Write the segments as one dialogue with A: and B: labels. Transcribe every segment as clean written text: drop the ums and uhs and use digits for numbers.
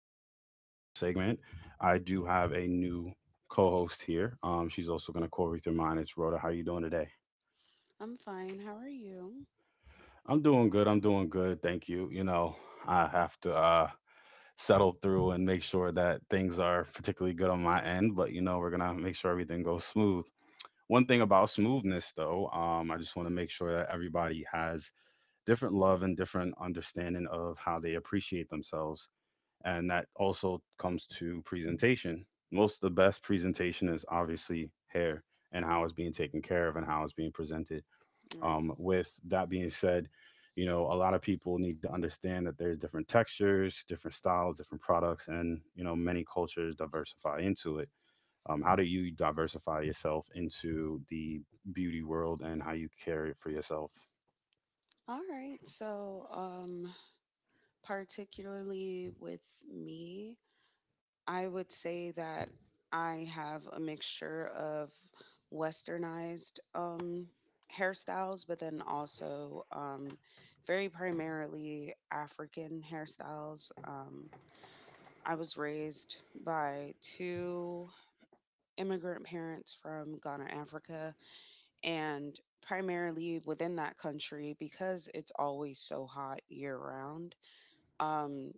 A: to be a beautiful segment. I do have a new co-host here. She's also going to co-host through mine. It's Rhoda. How you doing today?
B: I'm fine. How are you?
A: I'm doing good. I'm doing good. Thank you. You know, I have to settle through and make sure that things are particularly good on my end. But you know, we're gonna make sure everything goes smooth. One thing about smoothness, though, I just want to make sure that everybody has different love and different understanding of how they appreciate themselves, and that also comes to presentation. Most of the best presentation is obviously hair and how it's being taken care of and how it's being presented.
B: Right.
A: With that being said, you know, a lot of people need to understand that there's different textures, different styles, different products, and you know, many cultures diversify into it. How do you diversify yourself into the beauty world and how you care it for yourself?
B: All right. Particularly with me, I would say that I have a mixture of westernized hairstyles, but then also very primarily African hairstyles. I was raised by two immigrant parents from Ghana, Africa, and primarily within that country because it's always so hot year round, um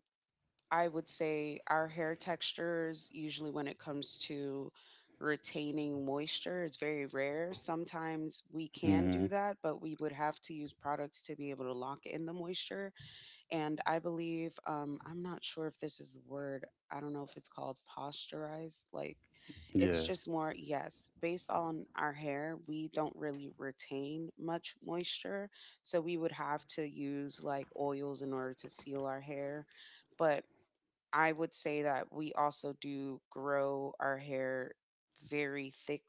B: I would say our hair textures, usually when it comes to retaining moisture, is very rare. Sometimes we can
A: Hmm.
B: do that, but we would have to use products to be able to lock in the moisture. And I believe, I'm not sure if this is the word, I don't know if it's called posturized. Like, it's
A: Yeah.
B: just more, yes, based on our hair, we don't really retain much moisture. So we would have to use like oils in order to seal our hair. But I would say that we also do grow our hair very thick,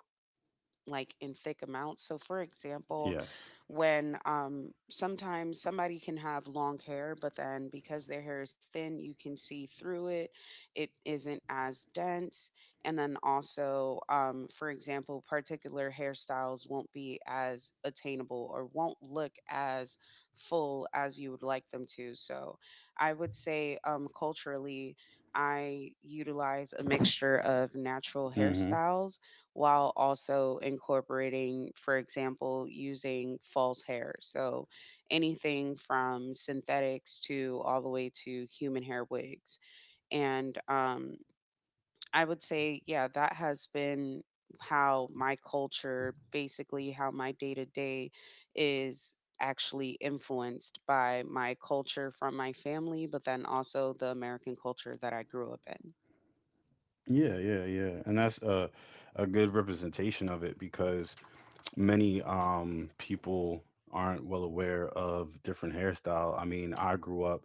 B: like in thick amounts. So for example,
A: Yes.
B: when sometimes somebody can have long hair, but then because their hair is thin, you can see through it. It isn't as dense. And then also, for example, particular hairstyles won't be as attainable or won't look as full as you would like them to. So I would say culturally I utilize a mixture of natural
A: Mm-hmm.
B: hairstyles while also incorporating, for example, using false hair. So anything from synthetics to all the way to human hair wigs. And I would say, yeah, that has been how my culture, basically, how my day to day is actually influenced by my culture from my family, but then also the American culture that I grew up in.
A: Yeah, yeah, yeah. And that's a good representation of it because many people aren't well aware of different hairstyle. I mean, I grew up,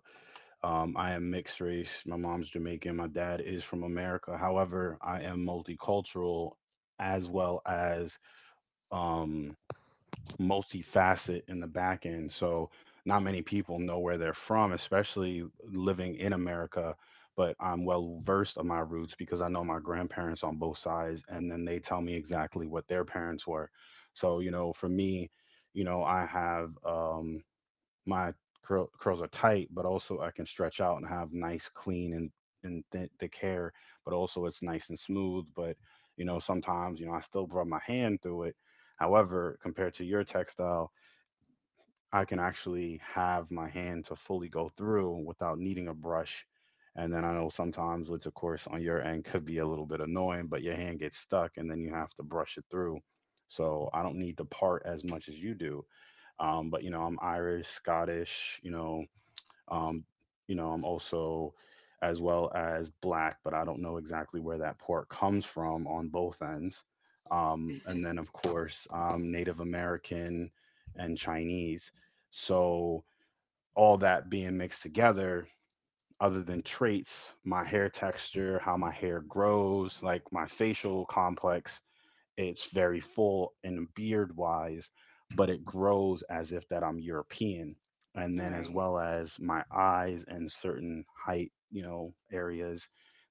A: I am mixed race. My mom's Jamaican, my dad is from America. However, I am multicultural as well as um multifaceted in the back end. So not many people know where they're from, especially living in America. But I'm well versed on my roots because I know my grandparents on both sides, and then they tell me exactly what their parents were. So you know, for me, you know, I have my curls are tight, but also I can stretch out and have nice, clean, and thick hair. But also it's nice and smooth. But you know, sometimes you know I still rub my hand through it. However, compared to your textile, I can actually have my hand to fully go through without needing a brush. And then I know sometimes, which of course on your end could be a little bit annoying, but your hand gets stuck and then you have to brush it through. So I don't need to part as much as you do. But you know, I'm Irish, Scottish, um, you know, I'm also as well as black, but I don't know exactly where that part comes from on both ends. Um,
B: Right.
A: and then, of course, Native American and Chinese. So, all that being mixed together, other than traits, my hair texture, how my hair grows, like my facial complex, it's very full and beard wise, but it grows as if that I'm European. And then as
B: Right.
A: well as my eyes and certain height, you know, areas,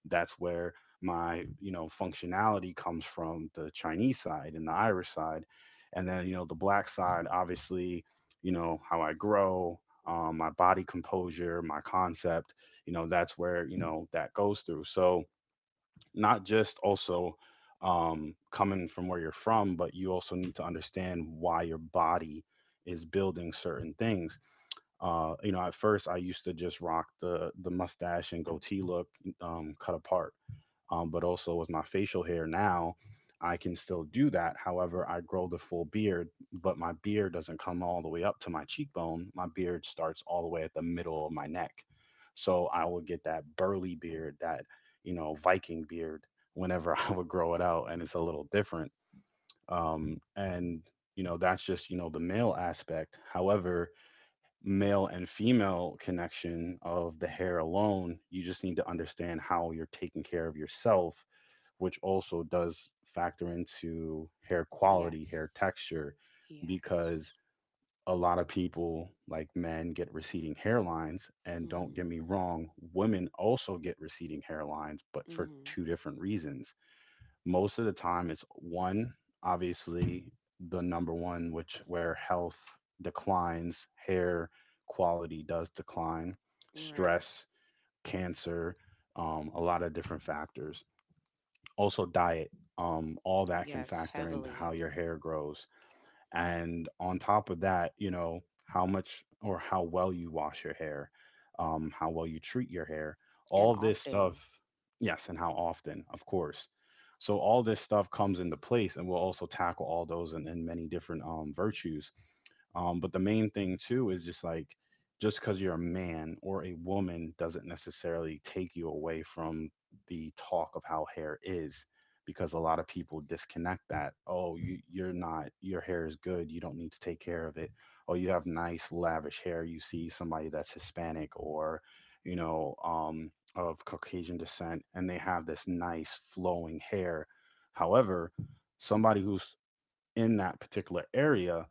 A: that's where my, you know, functionality comes from the Chinese side and the Irish side. And then, you know, the black side, obviously, you know, how I grow, my body composure, my concept, you know, that's where, you know, that goes through. So, not just also coming from where you're from, but you also need to understand why your body is building certain things. You know, at first I used to just rock the mustache and goatee look, cut apart, but also with my facial hair now, I can still do that. However, I grow the full beard, but my beard doesn't come all the way up to my cheekbone. My beard starts all the way at the middle of my neck. So I would get that burly beard, that, you know, Viking beard whenever I would grow it out. And it's a little different. Um, and, you know, that's just, you know, the male aspect. However, male and female connection of the hair alone, you just need to understand how you're taking care of yourself, which also does factor into hair quality, hair
B: Yes.
A: texture,
B: Yes.
A: because a lot of people, like men, get receding hairlines. And don't
B: Mm-hmm.
A: get me wrong, women also get receding hairlines, but for
B: Mm-hmm.
A: two different reasons. Most of the time, it's one, obviously, the number one, which where health declines, hair quality does decline,
B: Right.
A: stress, cancer, a lot of different factors, also diet, all that can
B: Yes,
A: factor into how
B: heavily
A: your hair grows. And on top of that, you know, how much or how well you wash your hair, how well you treat your hair,
B: and
A: all this
B: often.
A: stuff. Yes, and how often, of course. So all this stuff comes into place, and we'll also tackle all those and many different virtues. But the main thing too is just like, just because you're a man or a woman doesn't necessarily take you away from the talk of how hair is, because a lot of people disconnect that. Oh, you're not, your hair is good, you don't need to take care of it. Oh, you have nice lavish hair. You see somebody that's hispanic or, you know, of caucasian descent, and they have this nice flowing hair. However, somebody who's in that particular area,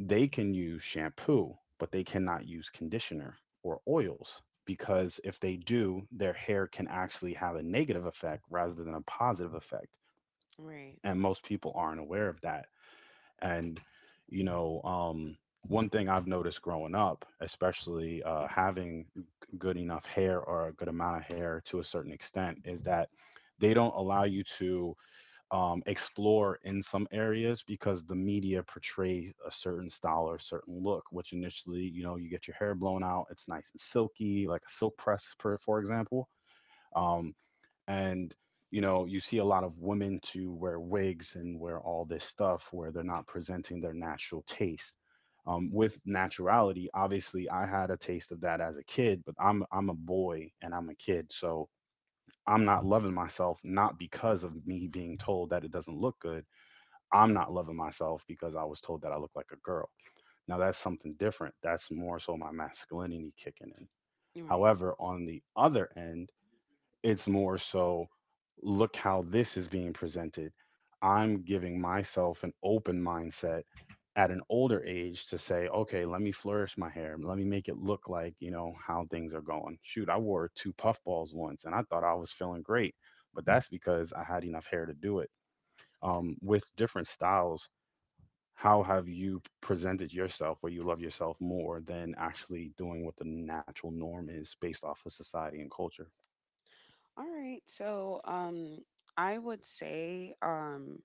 A: they can use shampoo, but they cannot use conditioner or oils, because if they do, their hair can actually have a negative effect rather than a positive effect.
B: Right.
A: And most people aren't aware of that. And, you know, one thing I've noticed growing up, especially having good enough hair or a good amount of hair to a certain extent, is that they don't allow you to explore in some areas because the media portrays a certain style or a certain look, which initially, you know, you get your hair blown out, it's nice and silky, like a silk press, per, for example. Um, and, you know, you see a lot of women to wear wigs and wear all this stuff where they're not presenting their natural taste. With naturality, obviously, I had a taste of that as a kid, but I'm a boy and I'm a kid, so I'm not loving myself not because of me being told that it doesn't look good. I'm not loving myself because I was told that I look like a girl. Now that's something different. That's more so my masculinity kicking in.
B: Right.
A: However, on the other end, it's more so look how this is being presented. I'm giving myself an open mindset at an older age to say, okay, let me flourish my hair. Let me make it look like, you know, how things are going. Shoot, I wore two puff balls once and I thought I was feeling great, but that's because I had enough hair to do it. With different styles, how have you presented yourself where you love yourself more than actually doing what the natural norm is based off of society and culture?
B: All right. So, um, I would say,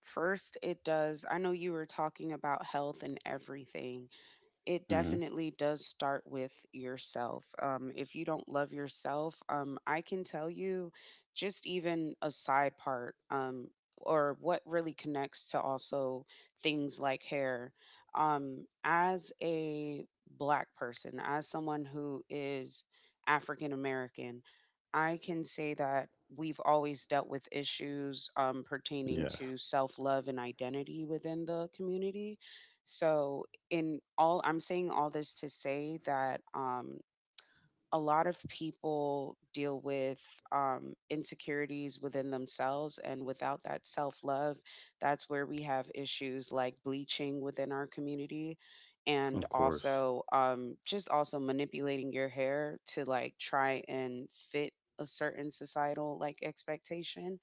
B: first it does. I know you were talking about health and everything, it
A: Hmm.
B: definitely does start with yourself. If you don't love yourself, I can tell you just even a side part, or what really connects to also things like hair. As a black person, as someone who is African American, I can say that we've always dealt with issues, pertaining
A: Yes,
B: to self love and identity within the community. So, in all, I'm saying all this to say that a lot of people deal with insecurities within themselves, and without that self-love, that's where we have issues like bleaching within our community, and
A: of course.
B: also, just also manipulating your hair to like try and fit a certain societal like expectation.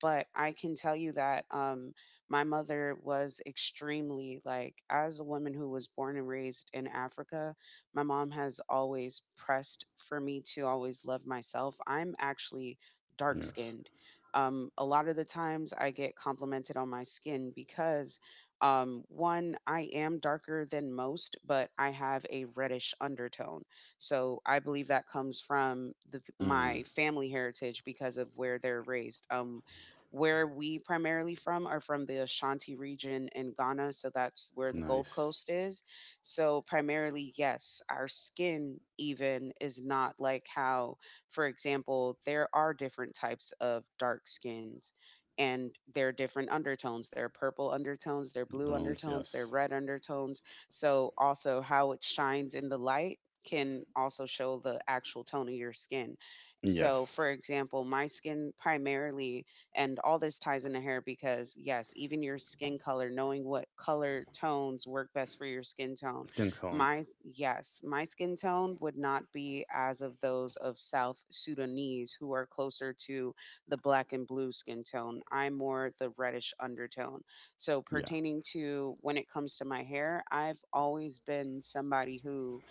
B: But I can tell you that, my mother was extremely like, as a woman who was born and raised in Africa, my mom has always pressed for me to always love myself. I'm actually dark
A: Yes.
B: skinned. A lot of the times I get complimented on my skin because, one, I am darker than most, but I have a reddish undertone. So I believe that comes from
A: Mm,
B: my family heritage because of where they're raised. Where we primarily from are from the Ashanti region in Ghana, so that's where the Gold
A: nice.
B: Coast is. So primarily, yes, our skin even is not like how, for example, there are different types of dark skins and there are different undertones. There are purple undertones, there are blue
A: Drones.
B: undertones, there are
A: Yes.
B: red undertones. So also how it shines in the light can also show the actual tone of your skin. So
A: Yes.
B: for example, my skin primarily, and all this ties into hair because, yes, even your skin color, knowing what color tones work best for your skin tone.
A: Skin tone.
B: My, yes, my skin tone would not be as of those of South Sudanese who are closer to the black and blue skin tone. I'm more the reddish undertone. So,
A: Yeah.
B: pertaining to when it comes to my hair, I've always been somebody who,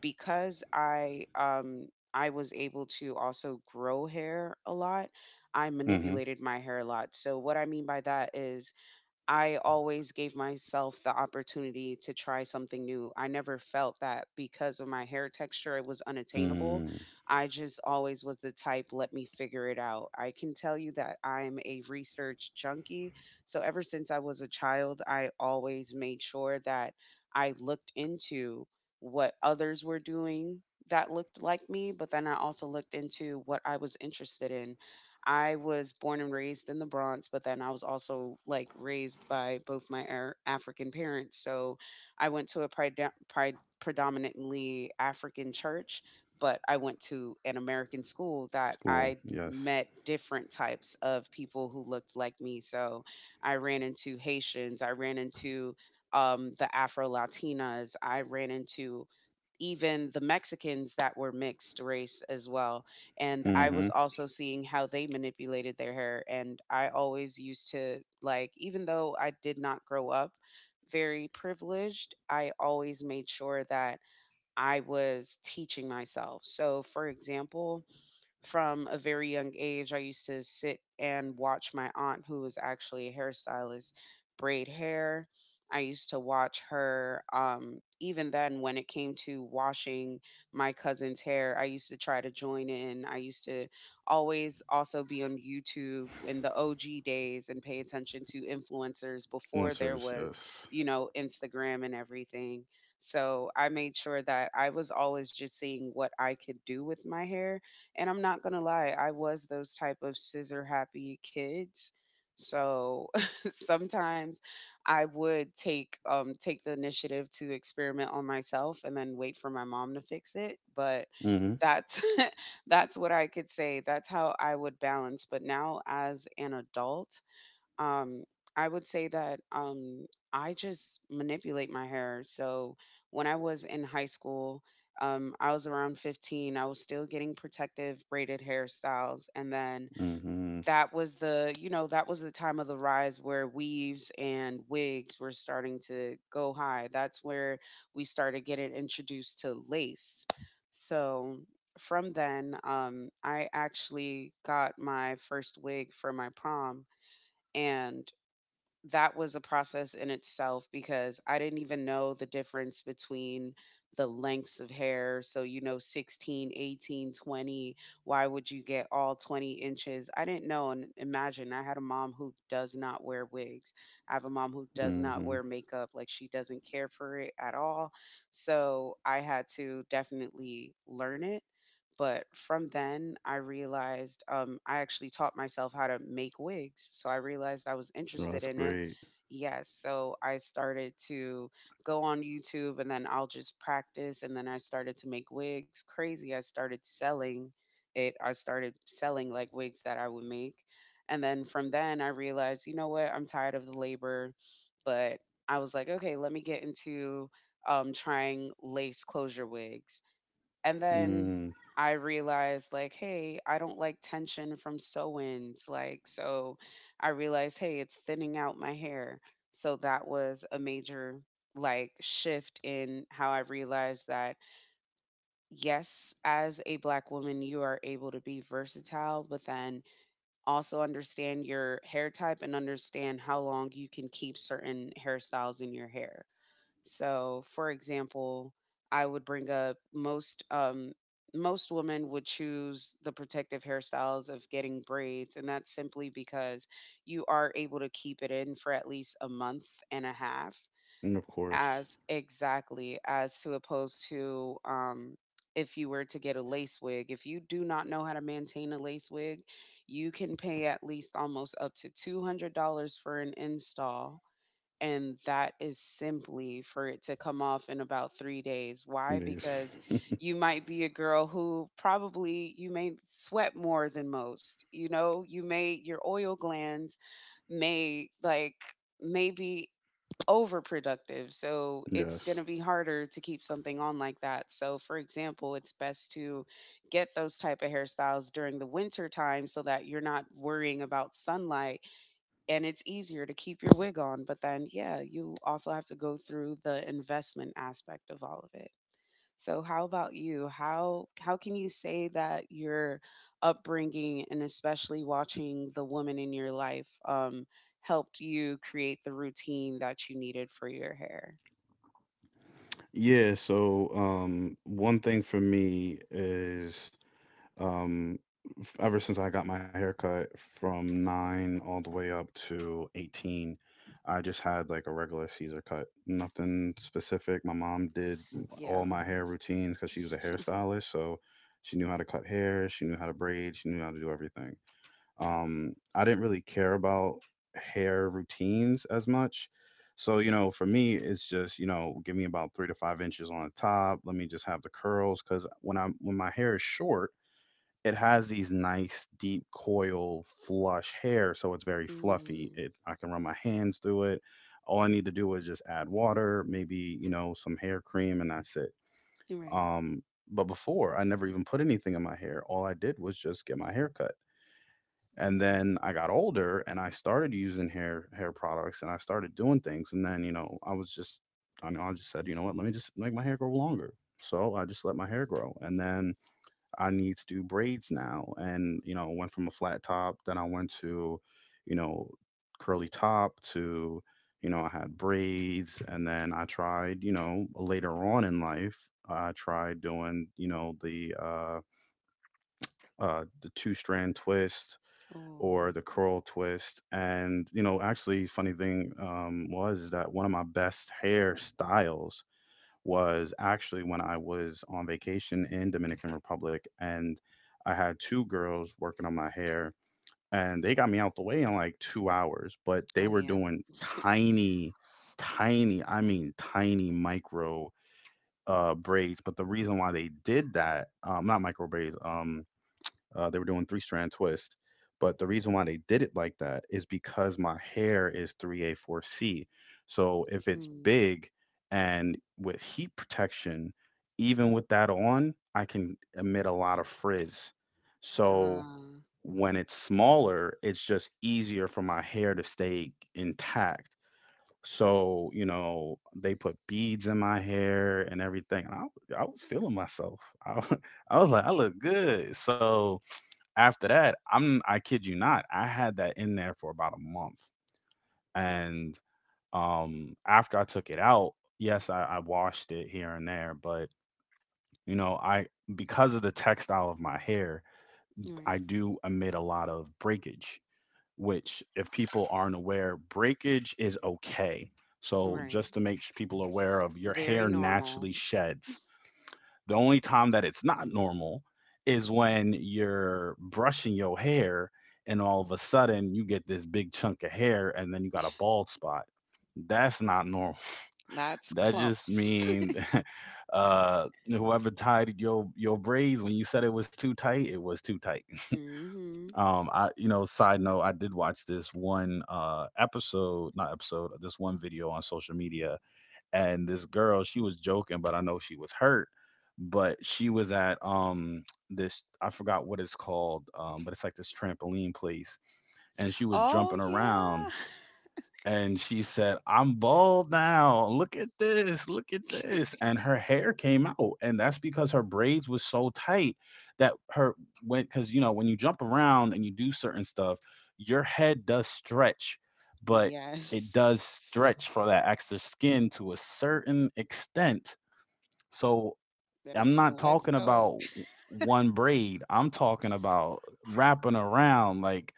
B: because I was able to also grow hair a lot, I
A: Mm-hmm.
B: manipulated my hair a lot. So what I mean by that is I always gave myself the opportunity to try something new. I never felt that because of my hair texture, it was unattainable.
A: Mm,
B: I just always was the type, let me figure it out. I can tell you that I'm a research junkie. So ever since I was a child, I always made sure that I looked into what others were doing that looked like me, but then I also looked into what I was interested in. I was born and raised in the Bronx, but then I was also like raised by both my African parents. So I went to a predominantly African church, but I went to an American school that
A: school.
B: I
A: Yes.
B: met different types of people who looked like me. So I ran into Haitians, I ran into the Afro Latinas, I ran into even the Mexicans that were mixed race as well, and I
A: Mm-hmm.
B: was also seeing how they manipulated their hair. And I always used to like, even though I did not grow up very privileged, I always made sure that I was teaching myself. So, for example, from a very young age, I used to sit and watch my aunt, who was actually a hairstylist, braid hair. I used to watch her, even then, when it came to washing my cousin's hair, I used to try to join in. I used to always also be on YouTube in the OG days and pay attention to influencers before there
A: Influencers.
B: was,
A: Yes.
B: you know, Instagram and everything. So I made sure that I was always just seeing what I could do with my hair, and I'm not gonna lie, I was those type of scissor happy kids. So sometimes I would take the initiative to experiment on myself and then wait for my mom to fix it. But
A: Mm-hmm.
B: that's that's what I could say. That's how I would balance. But now as an adult, um I would say that I just manipulate my hair. So when I was in high school, I was around 15, I was still getting protective braided hairstyles. And then,
A: Mm-hmm.
B: that was the you know that was the time of the rise where weaves and wigs were starting to go high. That's where we started getting introduced to lace. So from then, I actually got my first wig for my prom, and that was a process in itself, because I didn't even know the difference between the lengths of hair. So, you know, 16, 18, 20. Why would you get all 20 inches? I didn't know. And imagine I had a mom who does not wear wigs. I have a mom who does not
A: Mm-hmm.
B: wear makeup. Like, she doesn't care for it at all. So I had to definitely learn it. But from then, I realized, I actually taught myself how to make wigs. So I realized I was
A: Oh,
B: interested
A: that's
B: in it.
A: great.
B: Yes. So I started to go on YouTube and then I'll just practice. And then I started to make wigs. Crazy. I started selling it. I started selling like wigs that I would make. And then from then, I realized, you know what? I'm tired of the labor. But I was like, okay, let me get into, trying lace closure wigs. And then
A: Mm,
B: I realized like, hey, I don't like tension from sew-ins. Like, so I realized, hey, it's thinning out my hair. So that was a major like shift in how I realized that, yes, as a black woman, you are able to be versatile, but then also understand your hair type and understand how long you can keep certain hairstyles in your hair. So, for example, I would bring up most most women would choose the protective hairstyles of getting braids, and that's simply because you are able to keep it in for at least a month and a half,
A: and of course.
B: as exactly as to opposed to, if you were to get a lace wig. If you do not know how to maintain a lace wig, you can pay at least almost up to $200 for an install, and that is simply for it to come off in about 3 days. Why?
A: These.
B: Because you might be a girl who probably you may sweat more than most. You know, you may your oil glands may like maybe overproductive. So it's going
A: Yes.
B: to be harder to keep something on like that. So for example, it's best to get those type of hairstyles during the winter time so that you're not worrying about sunlight and it's easier to keep your wig on. But then, yeah, you also have to go through the investment aspect of all of it. So, how about you? How can you say that your upbringing, and especially watching the woman in your life, helped you create the routine that you needed for your hair?
A: Yeah, so one thing for me is, um, ever since I got my haircut from 9 all the way up to 18, I just had like a regular Caesar cut, nothing specific. My mom did all
B: Yeah.
A: my hair routines because she was a hairstylist, so she knew how to cut hair, she knew how to braid, she knew how to do everything. I didn't really care about hair routines as much. So you know, for me, it's just, you know, give me about 3 to 5 inches on the top, let me just have the curls, because when I'm when my hair is short, it has these nice deep coil flush hair, so it's very fluffy,
B: Mm,
A: it I can run my hands through it. All I need to do is just add water, maybe, you know, some hair cream, and that's it.
B: right.
A: um but before I never even put anything in my hair, all I did was just get my hair cut. And then I got older and I started using hair products and I started doing things, and then you know I was just, I know I just said, you know what, let me just make my hair grow longer. So I just let my hair grow, and then I need to do braids now, and you know, went from a flat top, then I went to, you know, curly top to, you know, I had braids, and then I tried, you know, later on in life, I tried doing, you know, the two strand twist or
B: Oh.
A: the curl twist. And you know, actually, funny thing was is that one of my best hairstyles was actually when I was on vacation in Dominican Republic, and I had two girls working on my hair, and they got me out the way in like 2 hours, but they
B: Oh
A: were
B: yeah.
A: doing tiny, tiny, I mean, tiny micro braids. But the reason why they did that, not micro braids, they were doing three strand twist. But the reason why they did it like that is because my hair is 3A4C. So if it's
B: Mm,
A: big and with heat protection, even with that on, I can emit a lot of frizz. So
B: ah.
A: when it's smaller, it's just easier for my hair to stay intact. So, you know, they put beads in my hair and everything. And I was feeling myself. I, I was like, I look good. So, after that, I kid you not, I had that in there for about a month. And after I took it out, yes, I washed it here and there, but you know, I, because of the textile of my hair, I
B: Right.
A: do emit a lot of breakage, which if people aren't aware, breakage is okay. So
B: Right.
A: just to make people aware, of your
B: Very
A: hair
B: normal.
A: naturally sheds. The only time that it's not normal is when you're brushing your hair and all of a sudden you get this big chunk of hair and then you got a bald spot. That's not normal.
B: That's
A: That just
B: clumps.
A: means whoever tied your braids, when you said it was too tight, it was too tight.
B: hmm
A: I, you know, side note, I did watch this one episode, not episode, this one video on social media, and this girl, she was joking, but I know she was hurt. But she was at this, I forgot what it's called, but it's like this trampoline place, and she was
B: Oh,
A: jumping
B: yeah.
A: around, and she said, "I'm bald now. Look at this. Look at this." And her hair came out, and that's because her braids was so tight that her went, because you know when you jump around and you do certain stuff, your head does stretch, but it
B: Yes.
A: does stretch for that extra skin to a certain extent. So
B: Then it
A: I'm
B: just
A: not
B: lets
A: talking
B: go.
A: about one braid. I'm talking about wrapping around. Like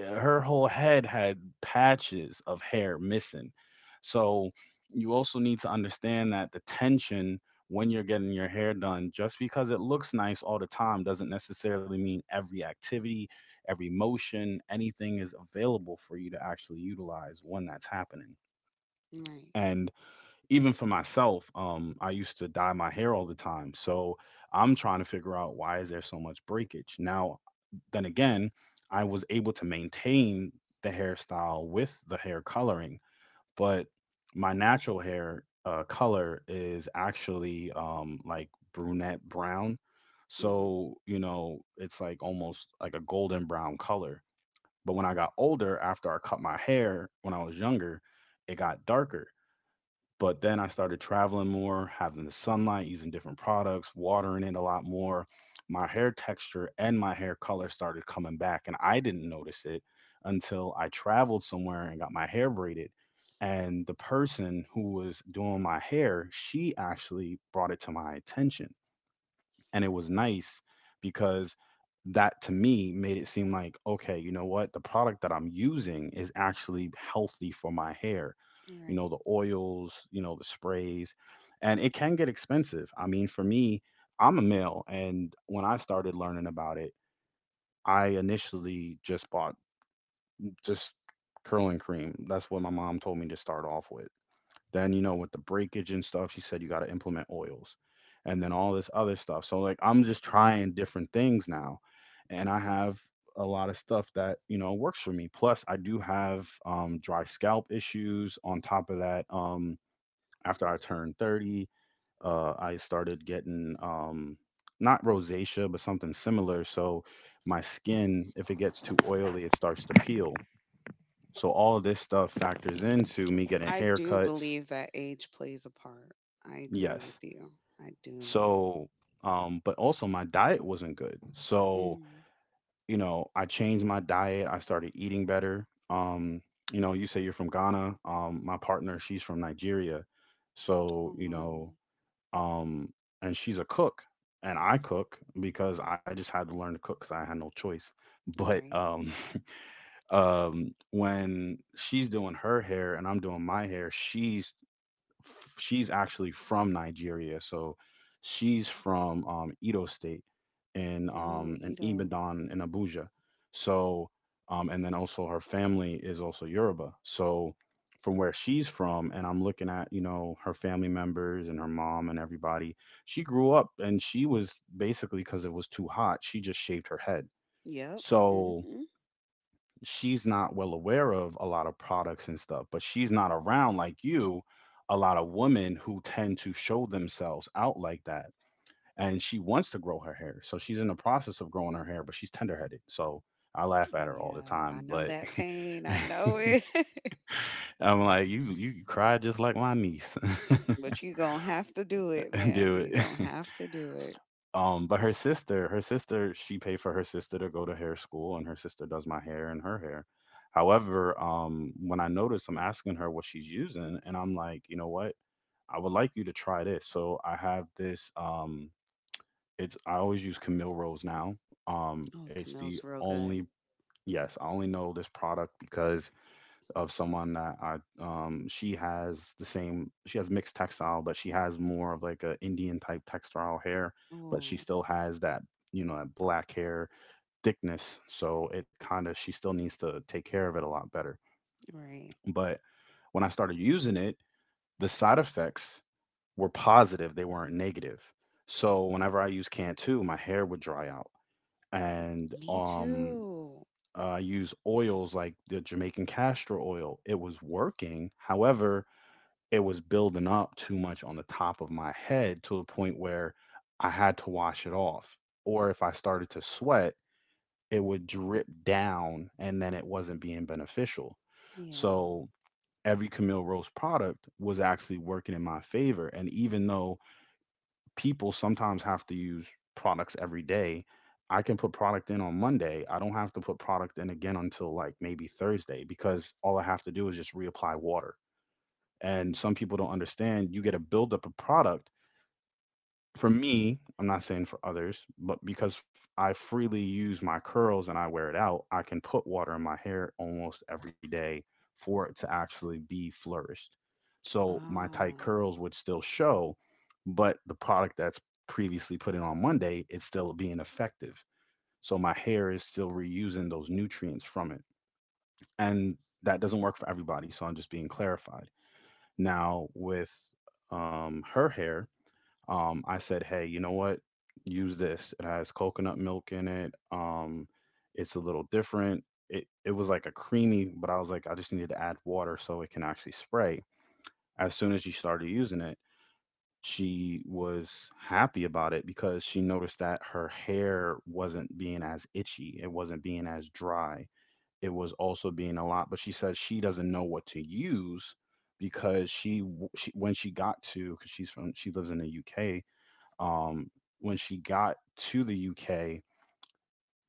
A: her whole head had patches of hair missing. So you also need to understand that the tension when you're getting your hair done, just because it looks nice all the time, doesn't necessarily mean every activity, every motion, anything is available for you to actually utilize when that's happening.
B: Right.
A: And even for myself, I used to dye my hair all the time. So I'm trying to figure out why is there so much breakage. Now, then again, I was able to maintain the hairstyle with the hair coloring, but my natural hair color is actually, like brunette brown.
B: hmm
A: So, you know, it's like almost like a golden brown color. But when I got older, after I cut my hair when I was younger, it got darker. But then I started traveling more, having the sunlight, using different products, watering it a lot more. My hair texture and my hair color started coming back, and I didn't notice it until I traveled somewhere and got my hair braided. And the person who was doing my hair, she actually brought it to my attention, and it was nice because that to me made it seem like, okay, you know what, the product that I'm using is actually healthy for my hair, you know,
B: Right.
A: the oils, you know, the sprays. And it can get expensive. I mean, for me, I'm a male, and when I started learning about it, I initially just bought, just, curling cream. That's what my mom told me to start off with. Then, you know, with the breakage and stuff, she said you got to implement oils and then all this other stuff. So, like, I'm just trying different things now. And I have a lot of stuff that, you know, works for me. Plus, I do have, dry scalp issues. On top of that, after I turned 30, I started getting, not rosacea, but something similar. So, my skin, if it gets too oily, it starts to peel. So all of this stuff factors into me getting
B: I do
A: haircuts.
B: believe that age plays a part. I agree with
A: Yes.
B: you. I do.
A: So, but also my diet wasn't good. So,
B: Mm.
A: you know, I changed my diet. I started eating better. You know, you say you're from Ghana. My partner, she's from Nigeria. So, you know,
B: Oh,
A: um, and she's a cook, and I cook because I just had to learn to cook because I had no choice. But
B: right.
A: when she's doing her hair and I'm doing my hair, she's she's actually from Nigeria, so she's from Edo State in,
B: Yo,
A: in
B: Ito.
A: Ibadan in Abuja. So and then also her family is also Yoruba. So from where she's from, and I'm looking at, you know, her family members and her mom and everybody. She grew up, and she was basically, because it was too hot, she just shaved her head.
B: Yep.
A: So
B: hmm
A: she's not well aware of a lot of products and stuff, but she's not around like you, a lot of women who tend to show themselves out like that. And she wants to grow her hair. So she's in the process of growing her hair, but she's tenderheaded. So I laugh at
B: Oh,
A: her all the
B: yeah. I
A: time,
B: know
A: but
B: that pain. I know it.
A: I'm like, you cry just like my niece.
B: But you going to have to do it, man.
A: Do
B: You
A: it.
B: going to have to do it.
A: But her sister, she paid for her sister to go to hair school, and her sister does my hair and her hair. However, when I notice, I'm asking her what she's using, and I'm like, you know what? I would like you to try this. So I have this. It's, I always use Camille Rose now.
B: Oh,
A: It's the
B: Camille's real
A: only,
B: good.
A: yes, I only know this product because of someone that I, she has the same, she has mixed textile, but she has more of like a Indian type textile hair, but she
B: Oh,
A: still has that, you know, that black hair thickness. So it kind of, she still needs to take care of it a lot better.
B: right.
A: But when I started using it, the side effects were positive; they weren't negative. So whenever I use Cantu, my hair would dry out, and
B: Me too.
A: I use oils like the Jamaican castor oil. It was working, however it was building up too much on the top of my head to the point where I had to wash it off. Or if I started to sweat, it would drip down and then it wasn't being beneficial.
B: Yeah.
A: So every Camille Roast product was actually working in my favor. And even though people sometimes have to use products every day, I can put product in on Monday. I don't have to put product in again until like maybe Thursday, because all I have to do is just reapply water. And some people don't understand you get to build up a product. For me, I'm not saying for others, but because I freely use my curls and I wear it out, I can put water in my hair almost every day for it to actually be flourished. So my tight
B: Ah.
A: curls would still show, but the product that's previously put in on Monday, it's still being effective. So my hair is still reusing those nutrients from it. And that doesn't work for everybody, so I'm just being clarified. Now with, her hair, I said, hey, you know what? Use this. It has coconut milk in it. It's a little different. It was like a creamy, but I was like, I just needed to add water so it can actually spray. As soon as she started using it, she was happy about it because she noticed that her hair wasn't being as itchy. It wasn't being as dry. It was also being a lot, but she says she doesn't know what to use because she, when she got to, because she's from, she lives in the UK. um when she got to the UK,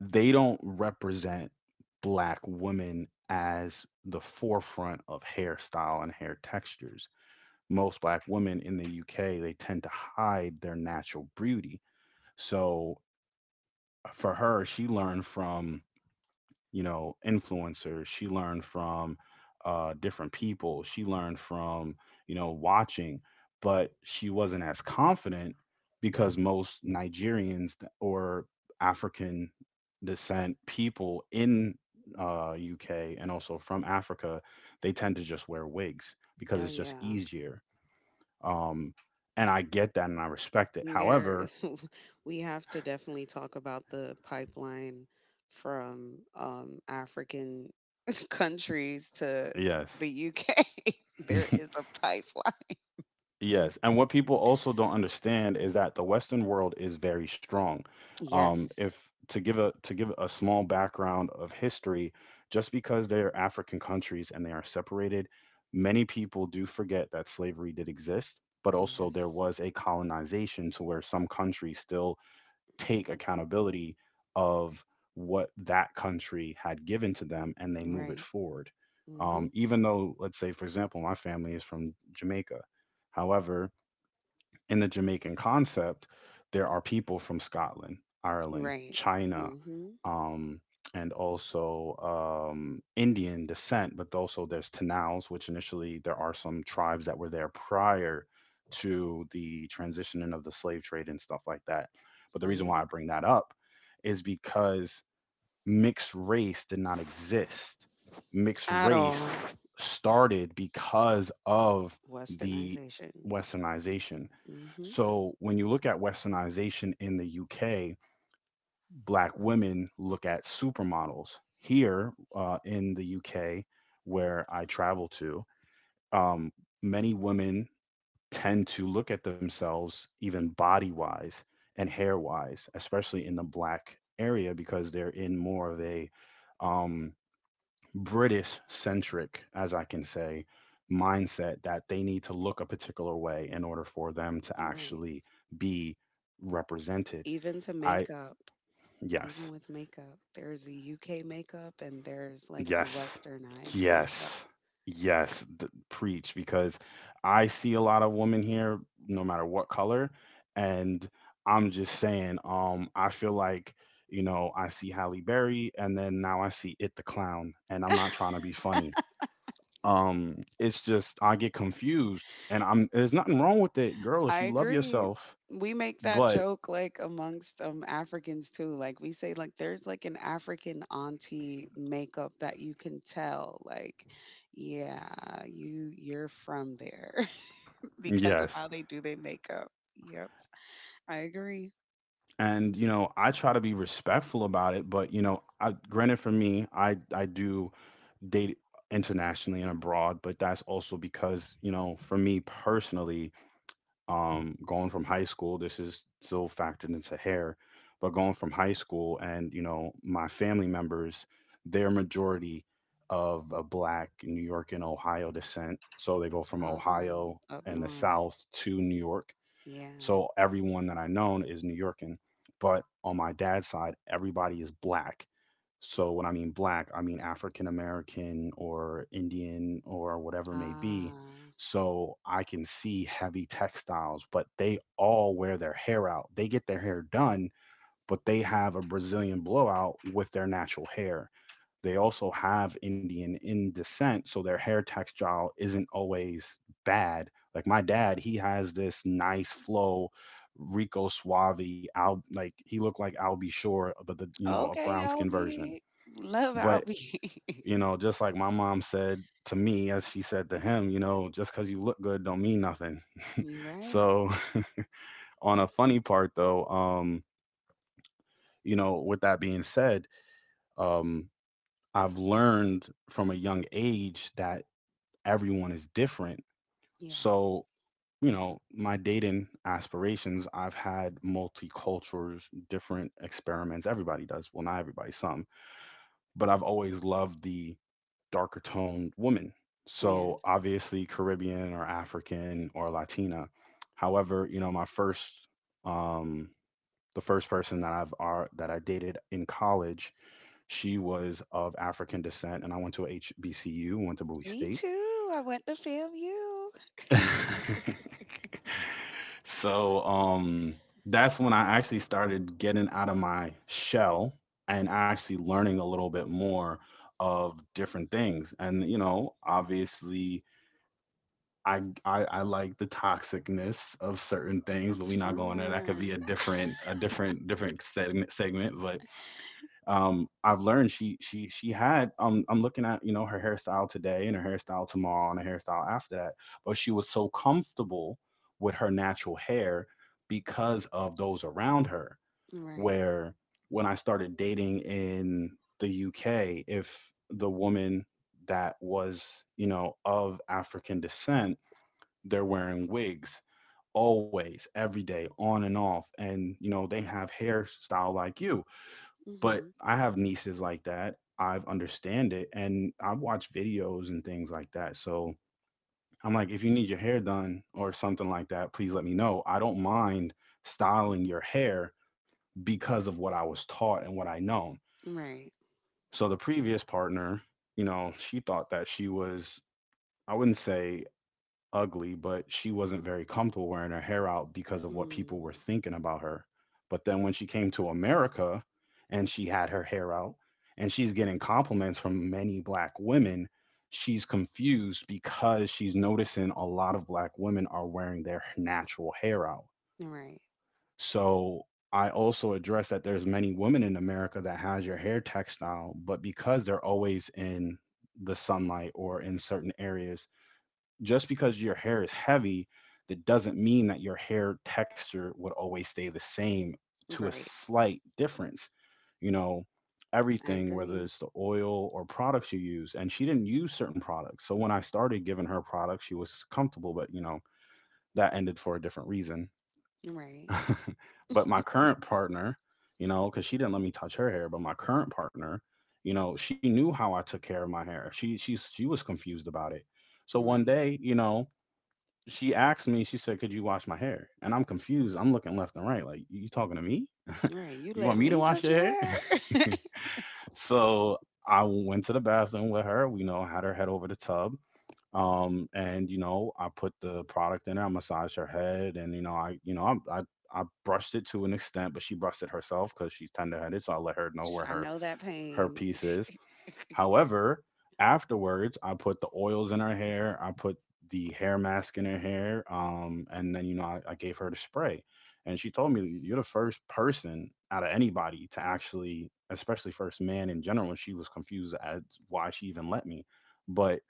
A: they don't represent black women as the forefront of hairstyle and hair textures. Most black women in the UK, they tend to hide their natural beauty. So for her, she learned from, you know, influencers. She learned from, different people. She learned from, you know, watching, but she wasn't as confident because most Nigerians or African descent people in, UK, and also from Africa, they tend to just wear wigs because
B: Oh,
A: it's just
B: yeah.
A: easier. Um, and I get that, and I respect it.
B: There,
A: However,
B: we have to definitely talk about the pipeline from African countries to
A: yes.
B: the UK. There is a pipeline.
A: Yes, and what people also don't understand is that the Western world is very strong.
B: Yes.
A: If to give a to give a small background of history, just because they are African countries and they are separated, many people do forget that slavery did exist, but also there
B: Yes.
A: was a colonization to where some countries still take accountability of what that country had given to them and they move it
B: Right.
A: forward.
B: hmm
A: Even though, let's say, for example, my family is from Jamaica. However, in the Jamaican concept, there are people from Scotland, Ireland,
B: Right.
A: China,
B: hmm
A: um, and also Indian descent, but also there's Tanaus, which initially there are some tribes that were there prior to the transitioning of the slave trade and stuff like that. But the reason
B: Yeah.
A: why I bring that up is because mixed race did not exist. Mixed
B: At all.
A: race started because of the
B: Westernization.
A: westernization.
B: Hmm
A: So when you look at westernization in the UK, black women look at supermodels. Here in the UK, where I travel to, um, many women tend to look at themselves even body wise and hair wise, especially in the black area because they're in more of a um, British centric, as I can say, mindset that they need to look a particular way in order for them to
B: Right.
A: actually be represented.
B: Even to
A: I,
B: makeup.
A: yes.
B: Even with makeup, there's a UK makeup and there's like a
A: Yes.
B: westernized
A: Yes.
B: makeup.
A: Yes. Preach, because I see a lot of women here, no matter what color. And I'm just saying, I feel like, I see Halle Berry and then now I see It the Clown. And I'm not trying to be funny. It's just I get confused and I'm there's nothing wrong with it, girl, if
B: I
A: you love
B: agree.
A: yourself.
B: We make that
A: But
B: joke like amongst Africans too. Like we say like there's like an African auntie makeup that you can tell like yeah, you you're from there because of
A: yes.
B: how they do their makeup. Yep. I agree.
A: And you know, I try to be respectful about it, but you know, granted for me, I do date internationally and abroad, but that's also because you know for me personally, going from high school, this is still factored into hair, but going from high school and you know my family members, their majority of black New York and Ohio descent, so they go from
B: Ah,
A: Ohio
B: up
A: and the
B: north.
A: South to New York.
B: Yeah.
A: So everyone that I know is New Yorkin, but on my dad's side, everybody is black. So when I mean black, I mean African American or Indian or whatever it may be.
B: Ah.
A: So I can see heavy textiles, but they all wear their hair out. They get their hair done, but they have a Brazilian blowout with their natural hair. They also have Indian in descent, so their hair textile isn't always bad. Like my dad, he has this nice flow, Rico Suave, Al, like he looked like Albie Shore, but the you know a
B: Okay,
A: brown skin version.
B: Albie. Love
A: But
B: Albie.
A: you know, just like my mom said to me, as she said to him, you know, just because you look good don't mean nothing.
B: You right.
A: So on a funny part though, you know, with that being said, um, I've learned from a young age that everyone is different.
B: Yes.
A: So, you know, my dating aspirations, I've had multicultures, different experiments. Everybody does. Well, not everybody, some. But I've always loved the darker toned woman. So,
B: Yes.
A: obviously, Caribbean or African or Latina. However, you know, my first, um, the first person that I dated in college, she was of African descent, and I went to a HBCU, went to Bowie
B: Me
A: State.
B: too. I went to FAMU.
A: So that's when I actually started getting out of my shell and actually learning a little bit more of different things. And you know, obviously, I like the toxicness of certain things, but
B: It's
A: we're not going there. That could be a
B: fun.
A: different segment. But I've learned, she had I'm looking at you know her hairstyle today and her hairstyle tomorrow and her hairstyle after that, but she was so comfortable with her natural hair because of those around her.
B: Right.
A: Where when I started dating in the UK, if the woman that was you know of African descent, they're wearing wigs always every day on and off, and you know they have hairstyle like you, but
B: Mhm.
A: I have nieces like that. I understand it and I watch videos and things like that. So I'm like, if you need your hair done or something like that, please let me know. I don't mind styling your hair because of what I was taught and what I know.
B: Right.
A: So the previous partner, you know, she thought that she was, I wouldn't say ugly, but she wasn't very comfortable wearing her hair out because of what people were
B: Mm.
A: thinking about her. But then when she came to America and she had her hair out and she's getting compliments from many black women, she's confused because she's noticing a lot of black women are wearing their natural hair out.
B: Right.
A: So I also address that there's many women in America that has your hair textile, but because they're always in the sunlight or in certain areas, just because your hair is heavy, that doesn't mean that your hair texture would always stay the same, to a
B: Right.
A: slight difference. You know,
B: I
A: everything, whether
B: agree.
A: it's the oil or products you use. And she didn't use certain products. So when I started giving her products, she was comfortable, but you know, that ended for a different reason.
B: Right.
A: But my current partner, you know, because she didn't let me touch her hair, but my current partner, you know, she knew how I took care of my hair. She was confused about it. So one
B: Right.
A: day, you know, she asked me, she said, "Could you wash my hair?" And I'm confused. I'm looking left and right, like, "You talking to me?
B: Right. You
A: You want
B: let
A: me to
B: me
A: wash
B: touch
A: your
B: your
A: hair?"
B: hair.
A: So I went to the bathroom with her. We you know had her head over the tub. And you know, I put the product in her, I massaged her head, and you know, I brushed it to an extent, but she brushed it herself because she's tender headed, so I let her know
B: Ch-
A: where
B: I know that
A: her
B: pain.
A: piece is. However, afterwards, I put the oils in her hair. I put the hair mask in her hair. And then, you know, I gave her the spray. And she told me, "You're the first person out of anybody to actually, especially first man in general." And she was confused as why she even let me. But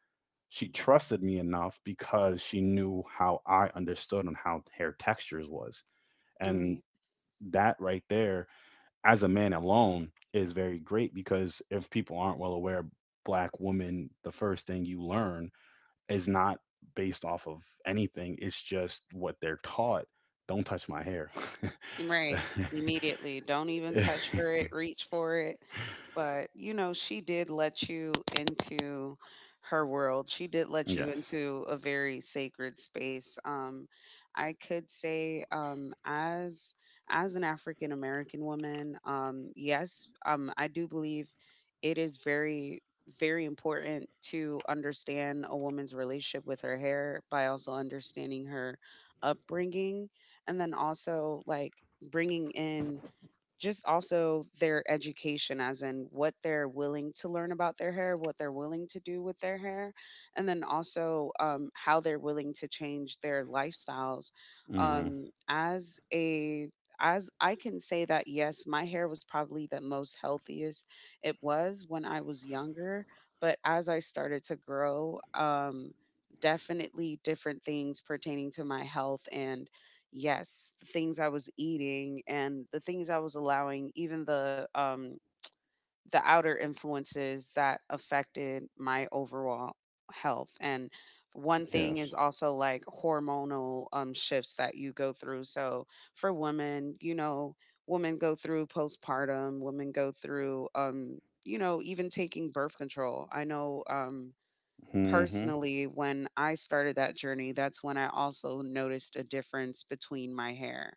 A: she trusted me enough because she knew how I understood and how hair textures was. And
B: right.
A: that right there as a man alone is very great because if people aren't well aware, black woman, the first thing you learn is not based off of anything. It's just what they're taught. Don't touch my hair.
B: Right. Immediately. Don't even touch for it, reach for it. But, you know, she did let you into her world. She did let you
A: Yes.
B: into a very sacred space. I could say as an African American woman, yes, I do believe it is very very important to understand a woman's relationship with her hair by also understanding her upbringing and then also like bringing in just also their education as in what they're willing to learn about their hair what they're willing to do with their hair and then also how they're willing to change their lifestyles
A: Hmm.
B: as a as I can say that yes my hair was probably the most healthiest it was when I was younger but as I started to grow definitely different things pertaining to my health and yes, the things I was eating and the things I was allowing, even the outer influences that affected my overall health. And one thing
A: Yes.
B: is also like hormonal shifts that you go through. So for women, you know, women go through postpartum, women go through you know, even taking birth control. I know
A: Hmm.
B: personally when I started that journey that's when I also noticed a difference between my hair